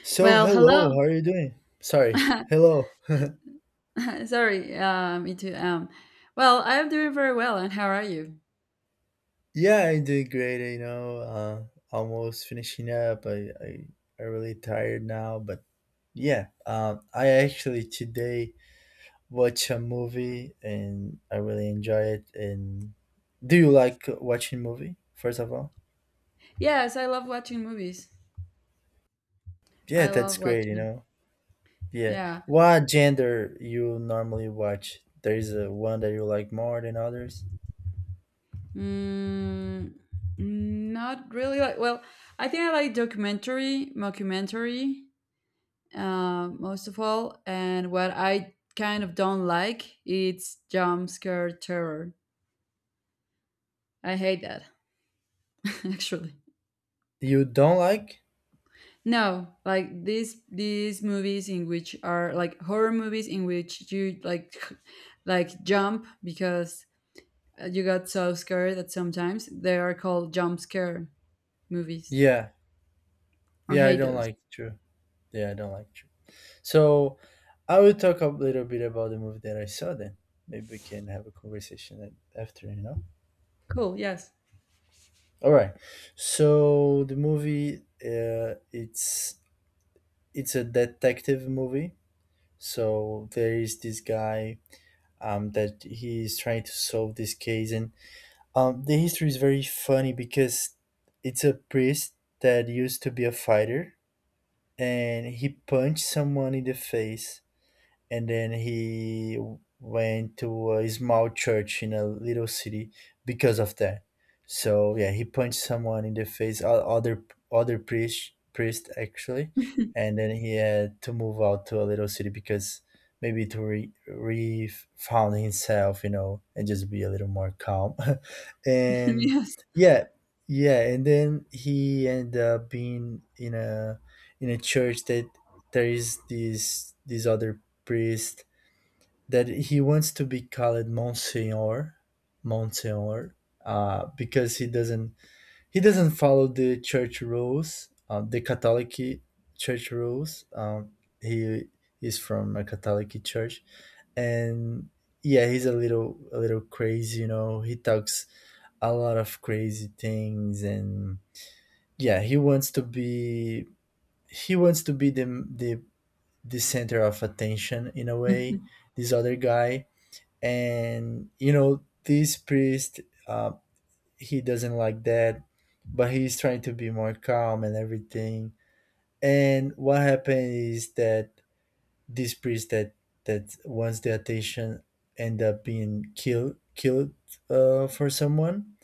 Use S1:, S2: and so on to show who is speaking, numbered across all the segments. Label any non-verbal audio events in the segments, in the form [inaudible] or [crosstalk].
S1: So
S2: Well,
S1: hello,
S2: hello.
S1: how are you doing? Sorry,
S2: [laughs]
S1: hello.
S2: Sorry, me too. Well, I'm doing very well, and how are you?
S1: Yeah, I did great. Almost finishing up. I I'm really tired now, but yeah. I actually today watch a movie and I really enjoy it. And do you like watching movie? First of all,
S2: Yes, I love watching movies.
S1: yeah,
S2: I
S1: that's
S2: love
S1: great. You
S2: watching.
S1: know, yeah.
S2: Yeah.
S1: What gender you normally watch? There is a one that you like more than others.
S2: Mm, not really like. Well, I think I like documentary, mockumentary, most of all. And what I kind of don't like, it's jump scare terror. I hate that, [laughs] actually.
S1: You don't like?
S2: No, like these movies in which are like horror movies in which you like [laughs] like jump because you got so scared that sometimes they are called jump scare movies.
S1: Yeah,
S2: I
S1: yeah, I
S2: hate
S1: don't
S2: those.
S1: like. True. Yeah, I don't like true. So I will talk a little bit about the movie that I saw then. Maybe we can have a conversation after, you know?
S2: Cool. Yes.
S1: All right. So the movie, uh, it's it's a detective movie. So there is this guy that he is trying to solve this case, and the history is very funny because it's a priest that used to be a fighter, and he punched someone in the face and then he went to a small church in a little city because of that. So yeah, he punched someone in the face, other priest actually, and then he had to move out to a little city because maybe to re found himself, you know, and just be a little more calm. [laughs]
S2: [laughs]
S1: and
S2: yes.
S1: yeah, yeah, and then he ended up being in a church that there is this other priest that he wants to be called Monsignor, Monsignor, because he doesn't follow the church rules, the Catholic church rules. He is from a Catholic church, and yeah, he's a little crazy. You know, he talks a lot of crazy things, and yeah, he wants to be he wants to be the the center of attention in a way.
S2: [laughs]
S1: This other guy, and you know this priest uh, he doesn't like that but he's trying to be more calm and everything and what happened is that this priest that that wants the attention end up being killed for someone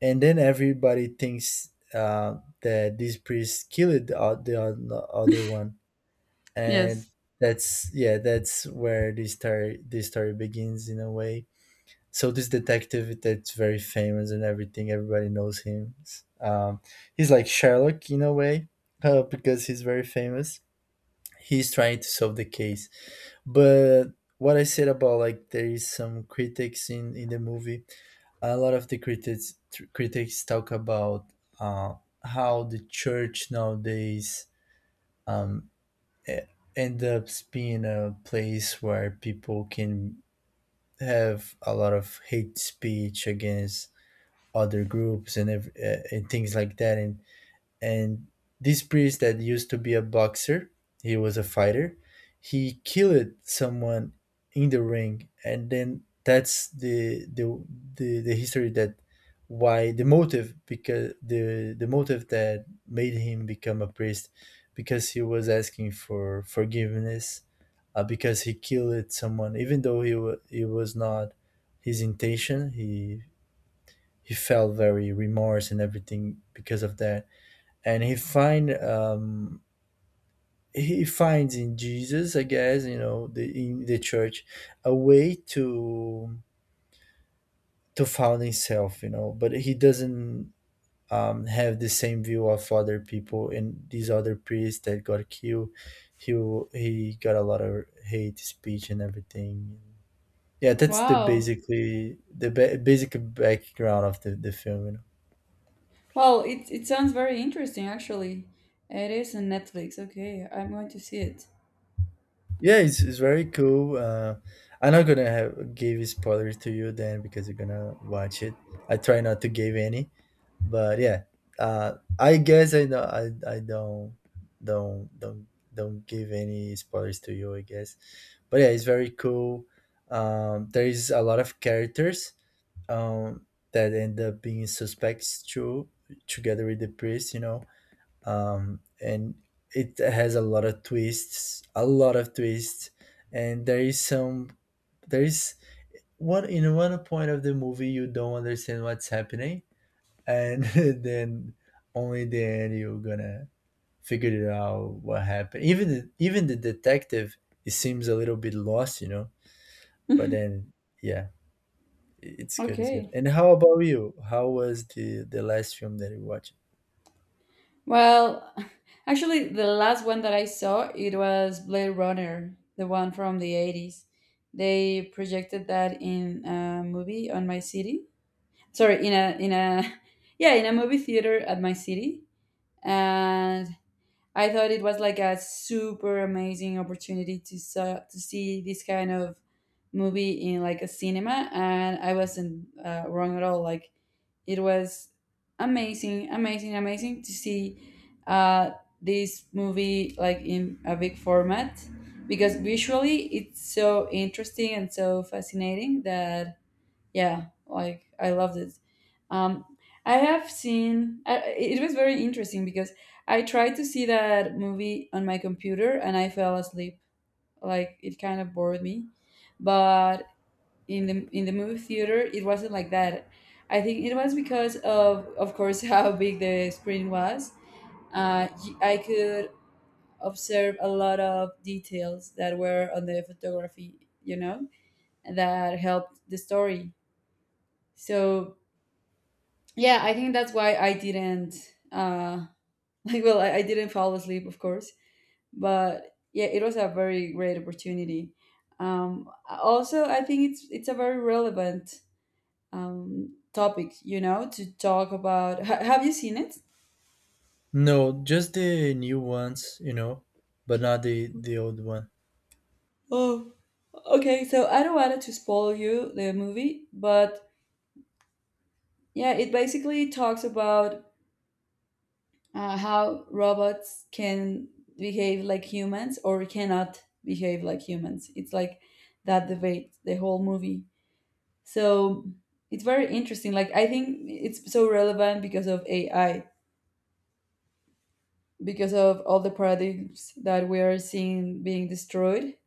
S1: and then everybody thinks that this priest killed the other one and
S2: yes.
S1: that's yeah that's where this story begins in a way. So this detective that's very famous and everything everybody knows him, um, he's like Sherlock in a way, because he's very famous, he's trying to solve the case, but what I said about like there is some critics in the movie. A lot of the critics critics talk about uh, how the church nowadays, um, e- end up being a place where people can have a lot of hate speech against other groups and and things like that. And this priest that used to be a boxer, he was a fighter, he killed someone in the ring, and then that's the history that why the motive, because the motive that made him become a priest, because he was asking for forgiveness, because he killed someone, even though he it was not his intention. He felt very remorse and everything because of that. And he find he finds in Jesus, I guess, you know, the in the church, a way to found himself, you know. But he doesn't have the same view of other people, and these other priests that got killed, he he got a lot of hate speech and everything. Yeah, that's the
S2: Wow.
S1: basically the basic background of the film, you know.
S2: Well, it sounds very interesting actually. It is on Netflix. Okay, I'm going to see it.
S1: Yeah, it's very cool. I'm not gonna give spoilers to you then because you're gonna watch it. I try not to give any, but yeah, I guess I know I don't don't give any spoilers to you, I guess. But yeah, it's very cool. There is a lot of characters um, that end up being suspects too, together with the priest. You know, and it has a lot of twists, a lot of twists, and there is one in one point of the movie you don't understand what's happening, and [laughs] then only the end you're gonna figure it out what happened. Even the detective, it seems a little bit lost, you know. But then, yeah, it's good, it's good.
S2: Okay.
S1: And how about you? How was the last film that you watched?
S2: Well, [laughs] actually, the last one that I saw it was Blade Runner, the one from the 80s. They projected that in a movie on my city. Sorry, in a [laughs] yeah in a movie theater at my city, and I thought it was like a super amazing opportunity to see this kind of movie in like a cinema, and I wasn't wrong at all. Like it was amazing, amazing, amazing to see uh, this movie like in a big format because visually it's so interesting and so fascinating that yeah like I loved it. Um I have seen I, It was very interesting because I tried to see that movie on my computer and I fell asleep. Like it kind of bored me, but in the movie theater it wasn't like that. I think it was because of course, [laughs] how big the screen was. I could observe a lot of details that were on the photography, you know, that helped the story. So yeah, I think that's why I didn't uh [laughs] like, well, I didn't fall asleep, of course, but yeah, it was a very great opportunity. Also I think it's a very relevant topic, you know, to talk about. Ha- have you seen it?
S1: No, just the new ones, you know, but not the old one.
S2: Oh, okay, so I don't want to spoil you the movie, but yeah, it basically talks about how robots can behave like humans or cannot behave like humans. It's like that debate, the whole movie. So it's very interesting. Like, I think it's so relevant because of AI, because of all the paradigms that we are seeing being destroyed.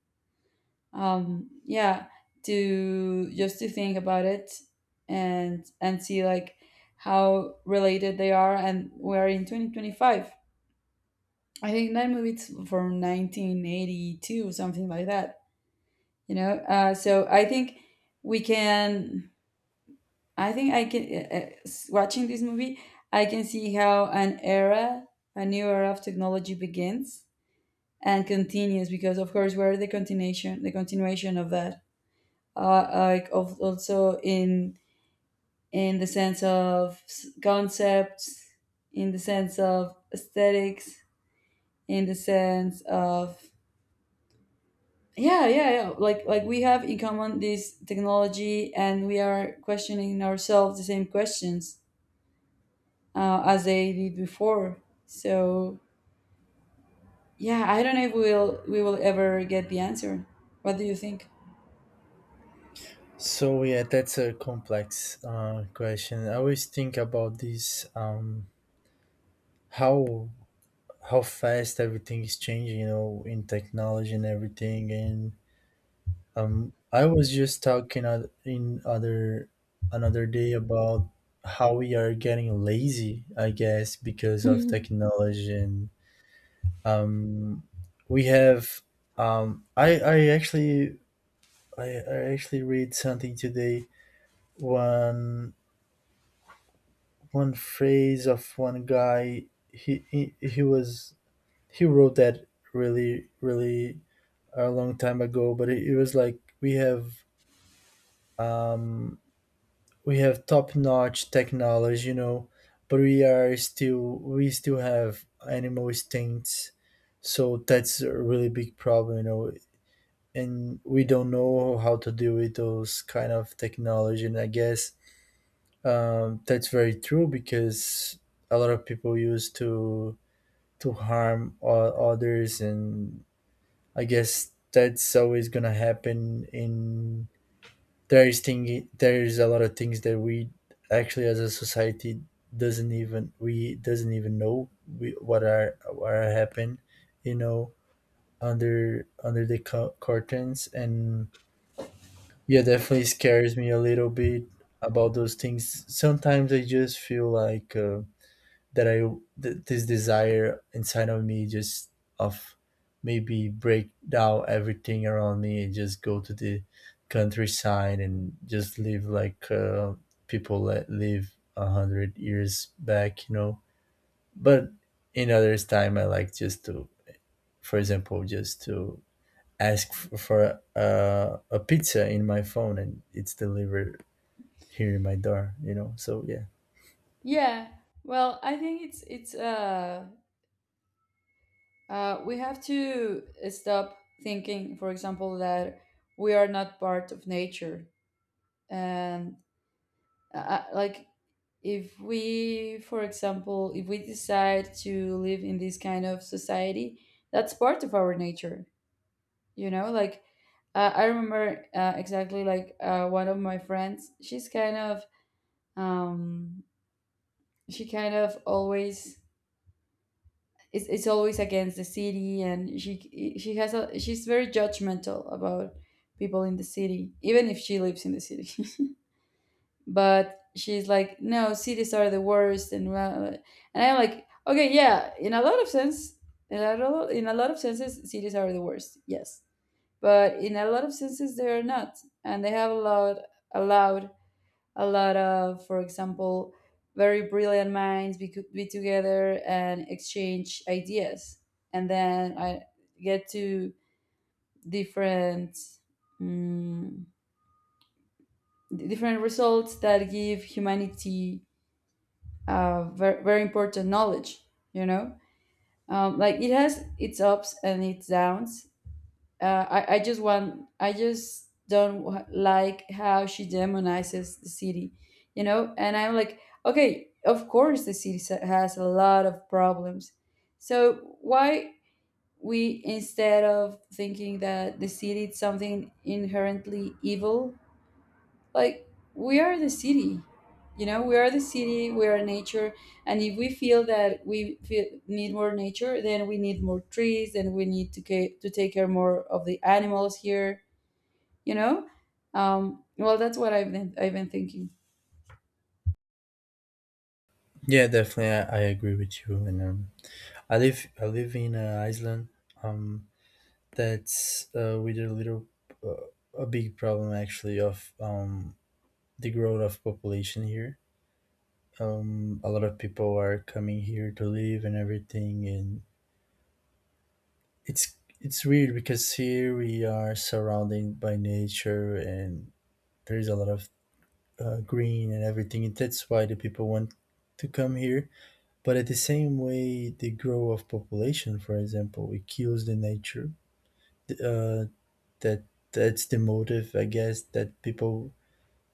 S2: Yeah, to just to think about it and see like how related they are, and we're in 2025. I think that movie it's from 1982, something like that. You know, so I think we can. I think I can. S- watching this movie, I can see how an era, a new era of technology begins and continues. Because of course, we're the continuation of that. Like of also in the sense of concepts, in the sense of aesthetics, in the sense of, yeah, yeah, yeah, like we have in common this technology and we are questioning ourselves the same questions as they did before. So yeah, I don't know if we will ever get the answer. What do you think?
S1: So yeah, that's a complex question. I always think about this, how how fast everything is changing, you know, in technology and everything. And I was just talking oth- in other another day about how we are getting lazy, I guess, because of
S2: [laughs]
S1: technology. And um, we have, I actually I, I actually read something today. One one phrase of one guy. He was he wrote that really a long time ago, but it was like we have, um we have top notch technology, you know, but we are still we still have animal instincts. So that's a really big problem, you know, and we don't know how to deal with those kind of technology. And I guess, that's very true because a lot of people used to harm others, and I guess that's always gonna happen. In there is a lot of things that we actually as a society doesn't even know we, what are happen, you know, under the curtains, and yeah, definitely scares me a little bit about those things. Sometimes I just feel like. That I this desire inside of me just of maybe break down everything around me and just go to the countryside and just live like people that live a hundred years back, you know. But in others time, I like just to, for example, just to ask for a pizza in my phone and it's delivered here in my door, you know. So yeah,
S2: yeah, well, I think it's we have to stop thinking, for example, that we are not part of nature. And like, if we, for example, if we decide to live in this kind of society, that's part of our nature, you know. Like I remember, exactly, like, one of my friends, she's kind of um she kind of always it's always against the city, and she has a she's very judgmental about people in the city even if she lives in the city. But she's like, "No, cities are the worst." And well, and I'm like, okay, yeah, in a lot of sense, in a lot of senses cities are the worst, yes, but in a lot of senses they are not. And they have allowed a lot of, for example, very brilliant minds be together and exchange ideas, and then I get to different mm, different results that give humanity very, very important knowledge, you know. Like it has its ups and its downs. I just want I just don't wa- like how she demonizes the city, you know. And I'm like, okay, of course the city has a lot of problems, so why, we, instead of thinking that the city is something inherently evil, like, we are the city, you know, we are the city, we are nature. And if we feel that we feel, need more nature, then we need more trees, and we need to, to take care more of the animals here, you know. Well, that's what I've been thinking.
S1: yeah, definitely, I agree with you, and I live in an island, um, that's with a little uh, a big problem actually of the growth of population here. A lot of people are coming here to live and everything, and it's weird because here we are surrounded by nature and there is a lot of green and everything. And that's why the people want to come here. But at the same way, the growth of population, for example, it kills the nature, uh, that that's the motive, I guess, that people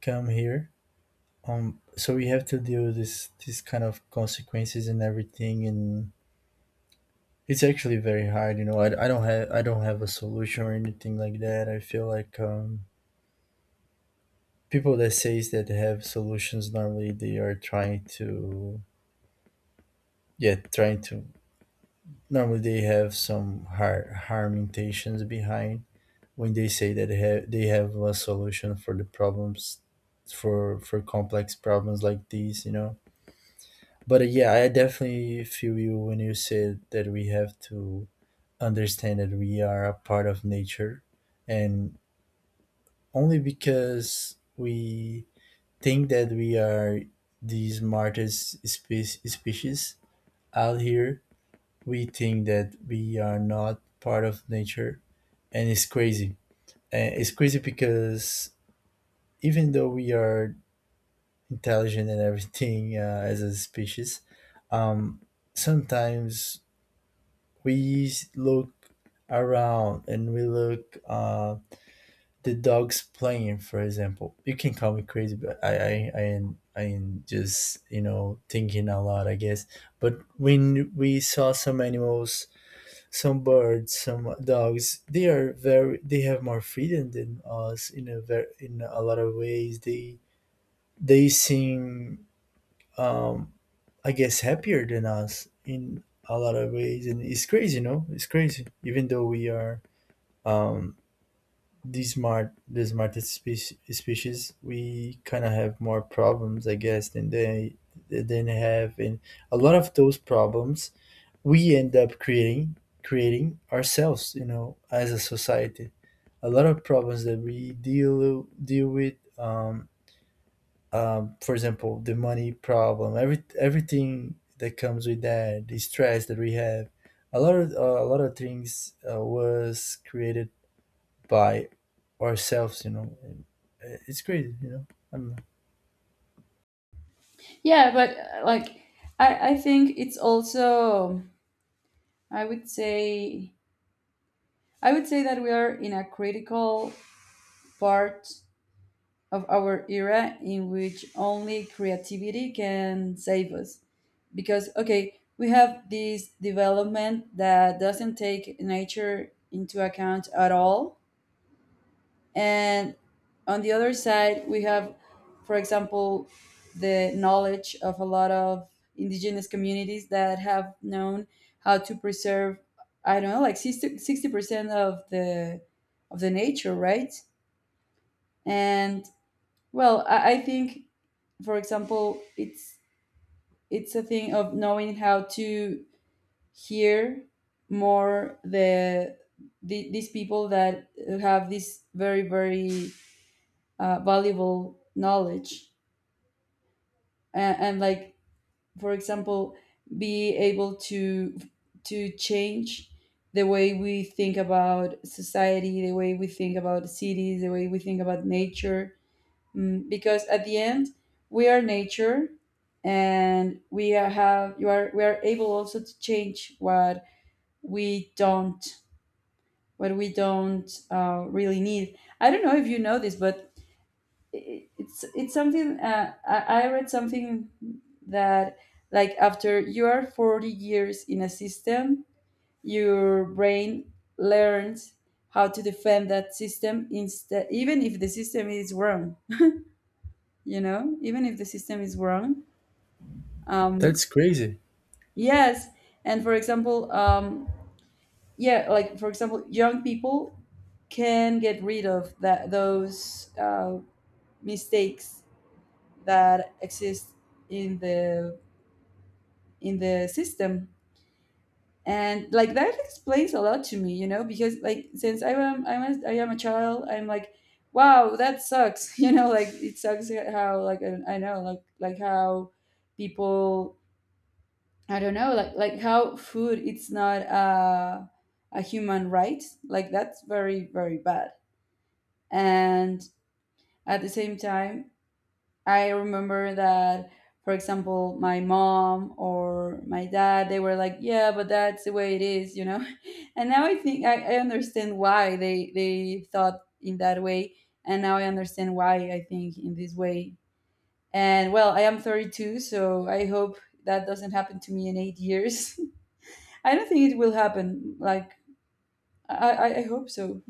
S1: come here. So we have to deal with this kind of consequences and everything. And it's actually very hard, you know. I don't have I don't have a solution or anything like that. I feel like, people that says that they have solutions normally they are trying to, yeah, trying to, normally they have some harm intentions behind when they say that they have a solution for the problems, for complex problems like these, you know. But yeah, I definitely feel you when you said that we have to understand that we are a part of nature. And only because we think that we are the smartest species out here, we think that we are not part of nature. And it's crazy. And it's crazy because even though we are intelligent and everything, [laughs] as a species, um, sometimes we look around and we look, the dogs playing, for example. You can call me crazy, but I am I am just, you know, thinking a lot, I guess. But when we saw some animals, some birds, some dogs, they are very they have more freedom than us in a very in a lot of ways. They seem, um I guess, happier than us in a lot of ways. And it's crazy, you know, it's crazy even though we are, um the smart the smartest species, we kind of have more problems, I guess, than they have. And a lot of those problems we end up creating ourselves, you know, as a society. A lot of problems that we deal with, for example, the money problem, everything that comes with that, the stress that we have, a lot of things was created by ourselves, you know. And it's crazy, you know. I don't know.
S2: Yeah, but like, I think it's also, I would say, I would say that we are in a critical part of our era in which only creativity can save us. Because, okay, we have this development that doesn't take nature into account at all. And on the other side, we have, for example, the knowledge of a lot of indigenous communities that have known how to preserve, I don't know, like 60% of the nature, right? And well, I think, for example, it's a thing of knowing how to hear more the these people that have this very, very valuable knowledge. And like, for example, be able to change the way we think about society, the way we think about cities, the way we think about nature. Because at the end, we are nature, and we are have you are we are able also to change what we don't, what we don't really need. I don't know if you know this, but it's something, I read something, that like after you are 40 years in a system, your brain learns how to defend that system instead, even if the system is wrong, you know, even if the system is wrong. um
S1: That's crazy.
S2: yes. And, for example, yeah, like, for example, young people can get rid of that those mistakes that exist in the in the system. And like that explains a lot to me, you know, because like, since I am a child, I'm like, wow, that sucks, [laughs] you know. Like, it sucks how, like, I know, like how people, I don't know, like how food it's not a a human right. Like that's very, very bad. And at the same time, I remember that, for example, my mom or my dad, they were like, "Yeah, but that's the way it is," you know. [laughs] And now I think I understand why they thought in that way, and now I understand why I think in this way. And well, I am 32, so I hope that doesn't happen to me in 8 years. [laughs] I don't think it will happen. Like I hope so.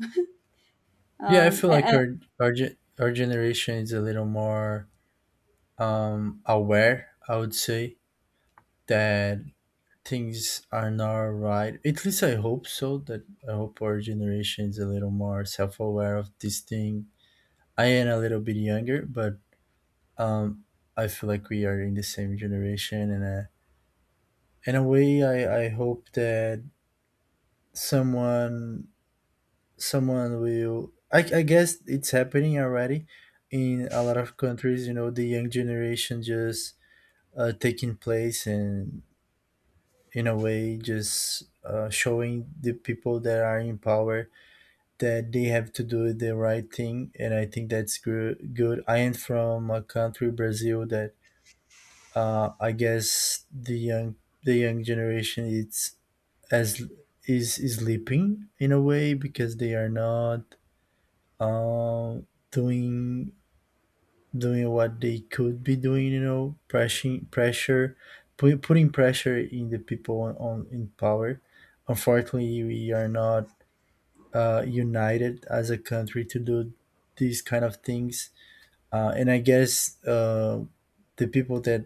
S1: Yeah, I feel like
S2: And-
S1: our generation is a little more aware. I would say that things are not right. At least I hope so. That I hope our generation is a little more self aware of these things. I am a little bit younger, but um, I feel like we are in the same generation, and in a way, I hope that someone someone will. I guess it's happening already in a lot of countries. You know, the young generation just taking place, and in a way, just showing the people that are in power that they have to do the right thing, and I think that's good. Good. I am from a country, Brazil, that I guess the young generation is as is sleeping in a way because they are not uh, doing doing what they could be doing. You know, pressing pressure, putting pressure in the people on in power. Unfortunately, we are not united as a country to do these kind of things. And I guess. The people that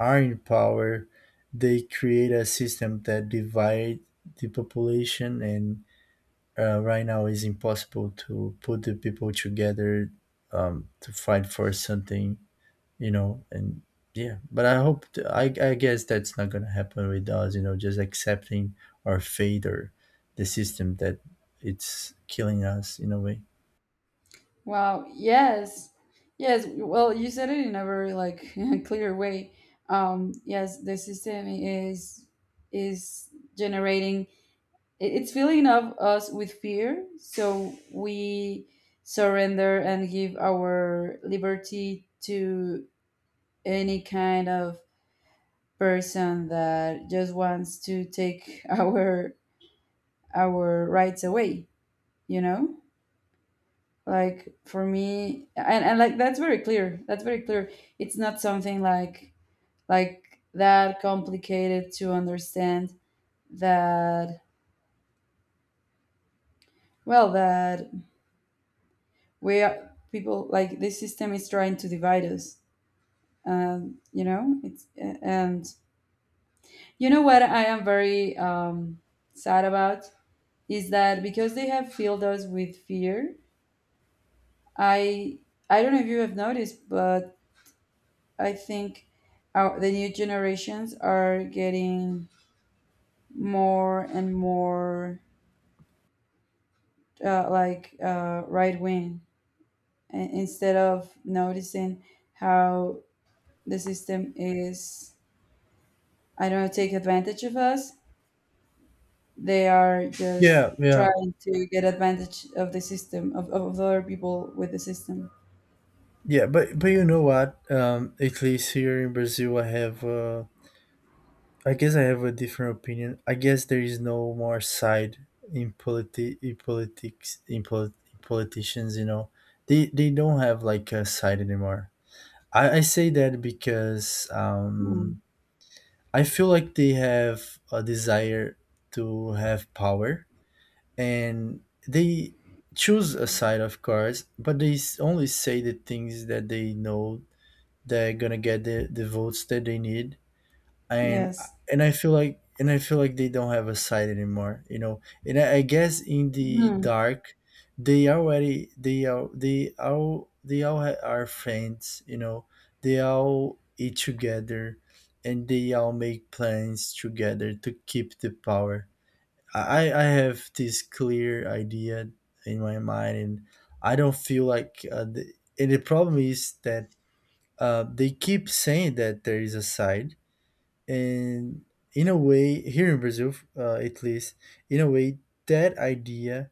S1: are in power, they create a system that divide the population, and right now it's impossible to put the people together to fight for something, you know. And yeah, but I guess that's not going to happen with us, you know, just accepting our fate or the system that it's killing us in a way.
S2: Wow, yes, yes. Well, you said it in a very like [laughs] clear way. Yes, the system is generating. It- It's filling up us with fear, so we surrender and give our liberty to any kind of person that just wants to take [laughs] our rights away. You know. Like for me, and like, that's very clear, that's very clear. It's not something like that complicated to understand that, well, that we are people, like this system is trying to divide us. You know, it's, and you know what, I am very sad about is that because they have filled us with fear, i I don't know if you have noticed, but I think our, the new generations are getting more and more, like, right wing, and instead of noticing how the system is, I don't know, take advantage of us, they are just
S1: Yeah, yeah,
S2: trying to get advantage of the system, of other people with the system.
S1: yeah, but you know what, at least here in Brazil, I guess I have a different opinion. I guess there is no more side in politi in politics, in politicians. You know, they don't have like a side anymore. I say that because
S2: Mm.
S1: I feel like they have a desire to have power, and they choose a side, of course, but only say the things that they know they're gonna get the votes that they need. And
S2: Yes.
S1: and I feel like they don't have a side anymore, you know. And I guess in the
S2: Mm,
S1: dark, they already are friends, you know. They all eat together, and they all make plans together to keep the power. I have this clear idea in my mind, and I don't feel like and the problem is that they keep saying that there is a side. And in a way, here in Brazil, at least in a way, that idea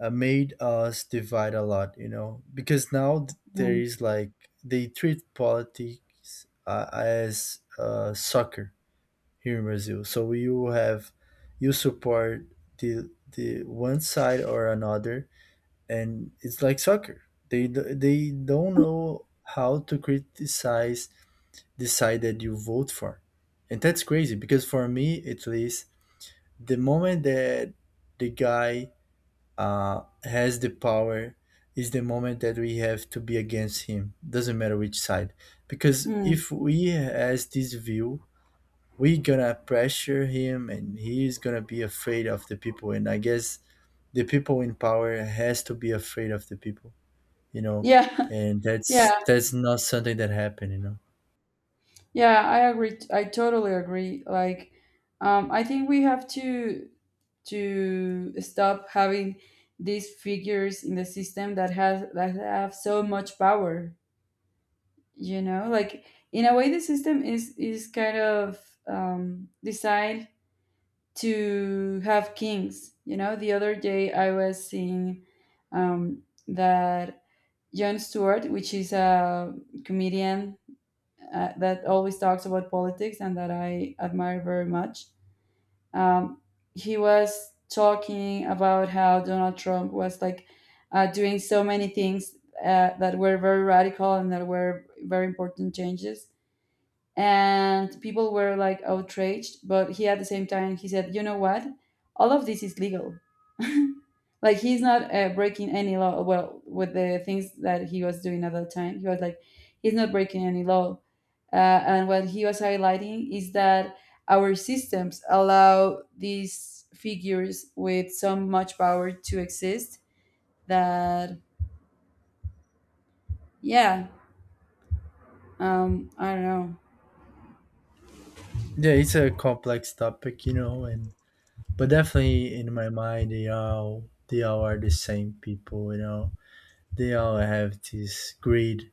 S1: made us divide a lot, you know, because now there
S2: mm,
S1: is like, they treat politics as soccer here in Brazil. So you have, you support the one side or another, and it's like soccer. They don't know how to criticize decided you vote for. And that's crazy because for me, at least, the moment that the guy has the power is the moment that we have to be against him. Doesn't matter which side. Because
S2: mm.
S1: if we has this view, we gonna pressure him, and he is gonna be afraid of the people. And I guess the people in power has to be afraid of the people, you know?
S2: Yeah,
S1: And
S2: [laughs]
S1: that's
S2: yeah.
S1: that's not something that happened, you know?
S2: Yeah, I agree. I totally agree. Like, I think we have to stop having these figures in the system that has that have so much power. You know, like, in a way, the system is kind of designed to have kings. You know, the other day I was seeing that Jon Stewart, which is a comedian that always talks about politics and that I admire very much. Um, he was talking about how Donald Trump was like doing so many things that were very radical and that were very important changes. And people were like outraged, but he, at the same time, he said, "You know what? All of this is legal." [laughs] like, he's not breaking any law. Well, with the things that he was doing at the time, he was like, "He's not breaking any law and what he was highlighting is that our systems allow these figures with so much power to exist that, yeah, I don't know.
S1: Yeah, it's a complex topic, you know. And but definitely in my mind, they all are the same people, you know. They all have this greed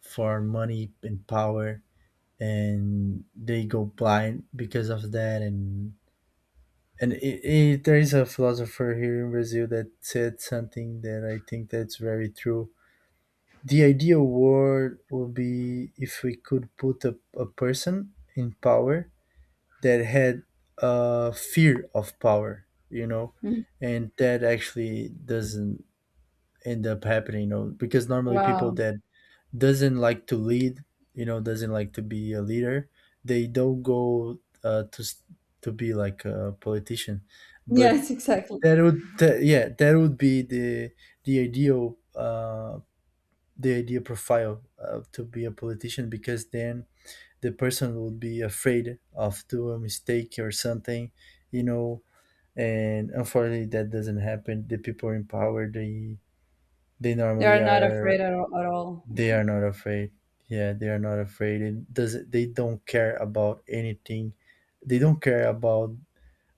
S1: for money and power, and they go blind because of that. And there is a philosopher here in Brazil that said something that I think that's very true. The ideal world would be if we could put a person in power that had a fear of power, you know,
S2: Mhm.
S1: and that actually doesn't end up happening, you know, because normally people
S2: Wow. [laughs]
S1: that doesn't like to lead, you know, doesn't like to be a leader, they don't go to be like a politician. But
S2: Yes, exactly.
S1: that would that, yeah, that would be the ideal uh the ideal profile to be a politician, because then the person would be afraid of do a mistake or something, you know. And unfortunately, that doesn't happen. The people in power, they
S2: They are
S1: normally
S2: not
S1: are,
S2: afraid at all. At all.
S1: they are not afraid. Yeah, they are not afraid. It doesn't. They don't care about anything. They don't care about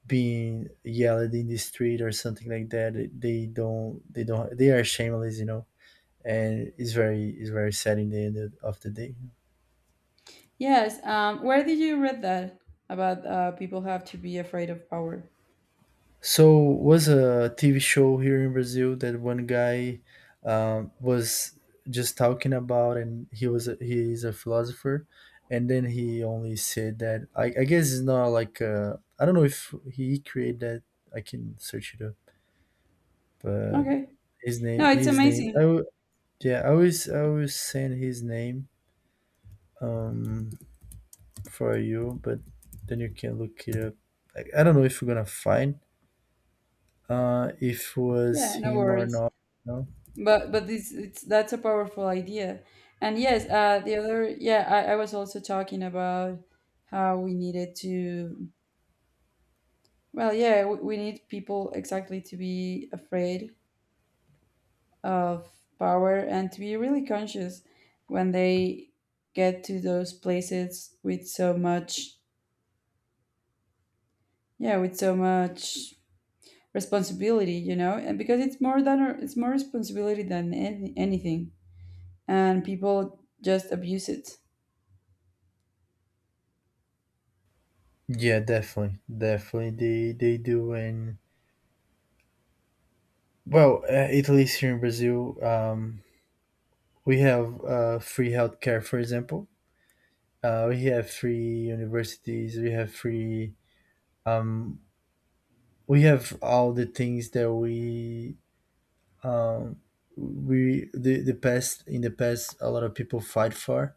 S1: being yelled in the street or something like that. They don't. They don't. They are shameless, you know. And it's very sad in the end of the day.
S2: Yes. Where did you read that about people have to be afraid of power?
S1: So was a TV show here in Brazil that one guy was just talking about, and he is a philosopher, and then he only said that. I guess it's not like, I don't know if he created that. I can search it up, but
S2: Okay. No, it's
S1: his name I
S2: amazing.
S1: w- yeah, I always send his name um for you, but then you can look it up. I don't know if you're gonna find if was
S2: Yeah, no
S1: him or
S2: worries.
S1: not. No?
S2: But this it's, that's a powerful idea. And yes, the other, yeah, I was also talking about how we needed to, well, yeah, we need people exactly to be afraid of power and to be really conscious when they get to those places with so much, yeah, with so much responsibility, you know. And because it's more than, it's more responsibility than anything, and people just abuse it.
S1: Yeah, definitely, definitely they do. And well, at least here in Brazil, we have free healthcare. For example, we have free universities. We have free. Um, we have all the things that we um, the past in the past a lot of people fight for,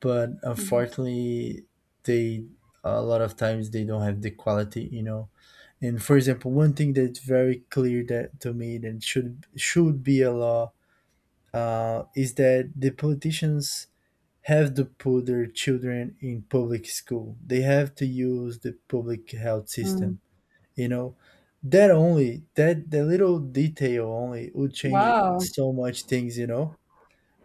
S1: but unfortunately, they a lot of times they don't have the quality. You know, and for example, one thing that's very clear that to me that should be a law is that the politicians have to put their children in public school. They have to use the public health
S2: Mhm.
S1: system. You know, that only, that the little detail only would change
S2: Wow.
S1: so much things. You know,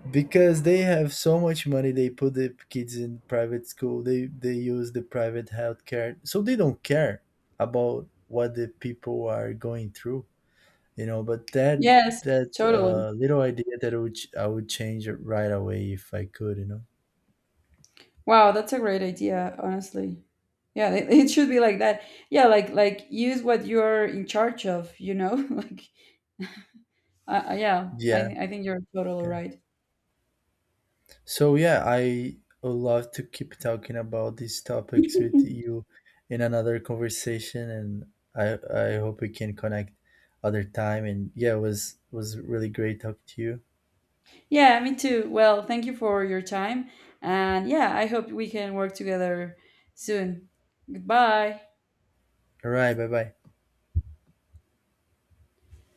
S1: because they have so much money, they put the kids in private school, they use the private healthcare, so they don't care about what the people are going through, you know. But that,
S2: Yes,
S1: that's
S2: totally.
S1: a little idea that I would change it right away if I could, you know.
S2: Wow, that's a great idea, honestly. Yeah, it should be like that. Yeah, like, use what you're in charge of, you know? [laughs] Like yeah,
S1: Yeah,
S2: I think you're totally
S1: yeah,
S2: right.
S1: so yeah, I would love to keep talking about these topics
S2: [laughs]
S1: with you in another conversation. And I hope we can connect other time. And yeah, it was really great talking to you.
S2: Yeah, me too. Well, thank you for your time. And yeah, I hope we can work together soon. Goodbye.
S1: All right. Bye bye.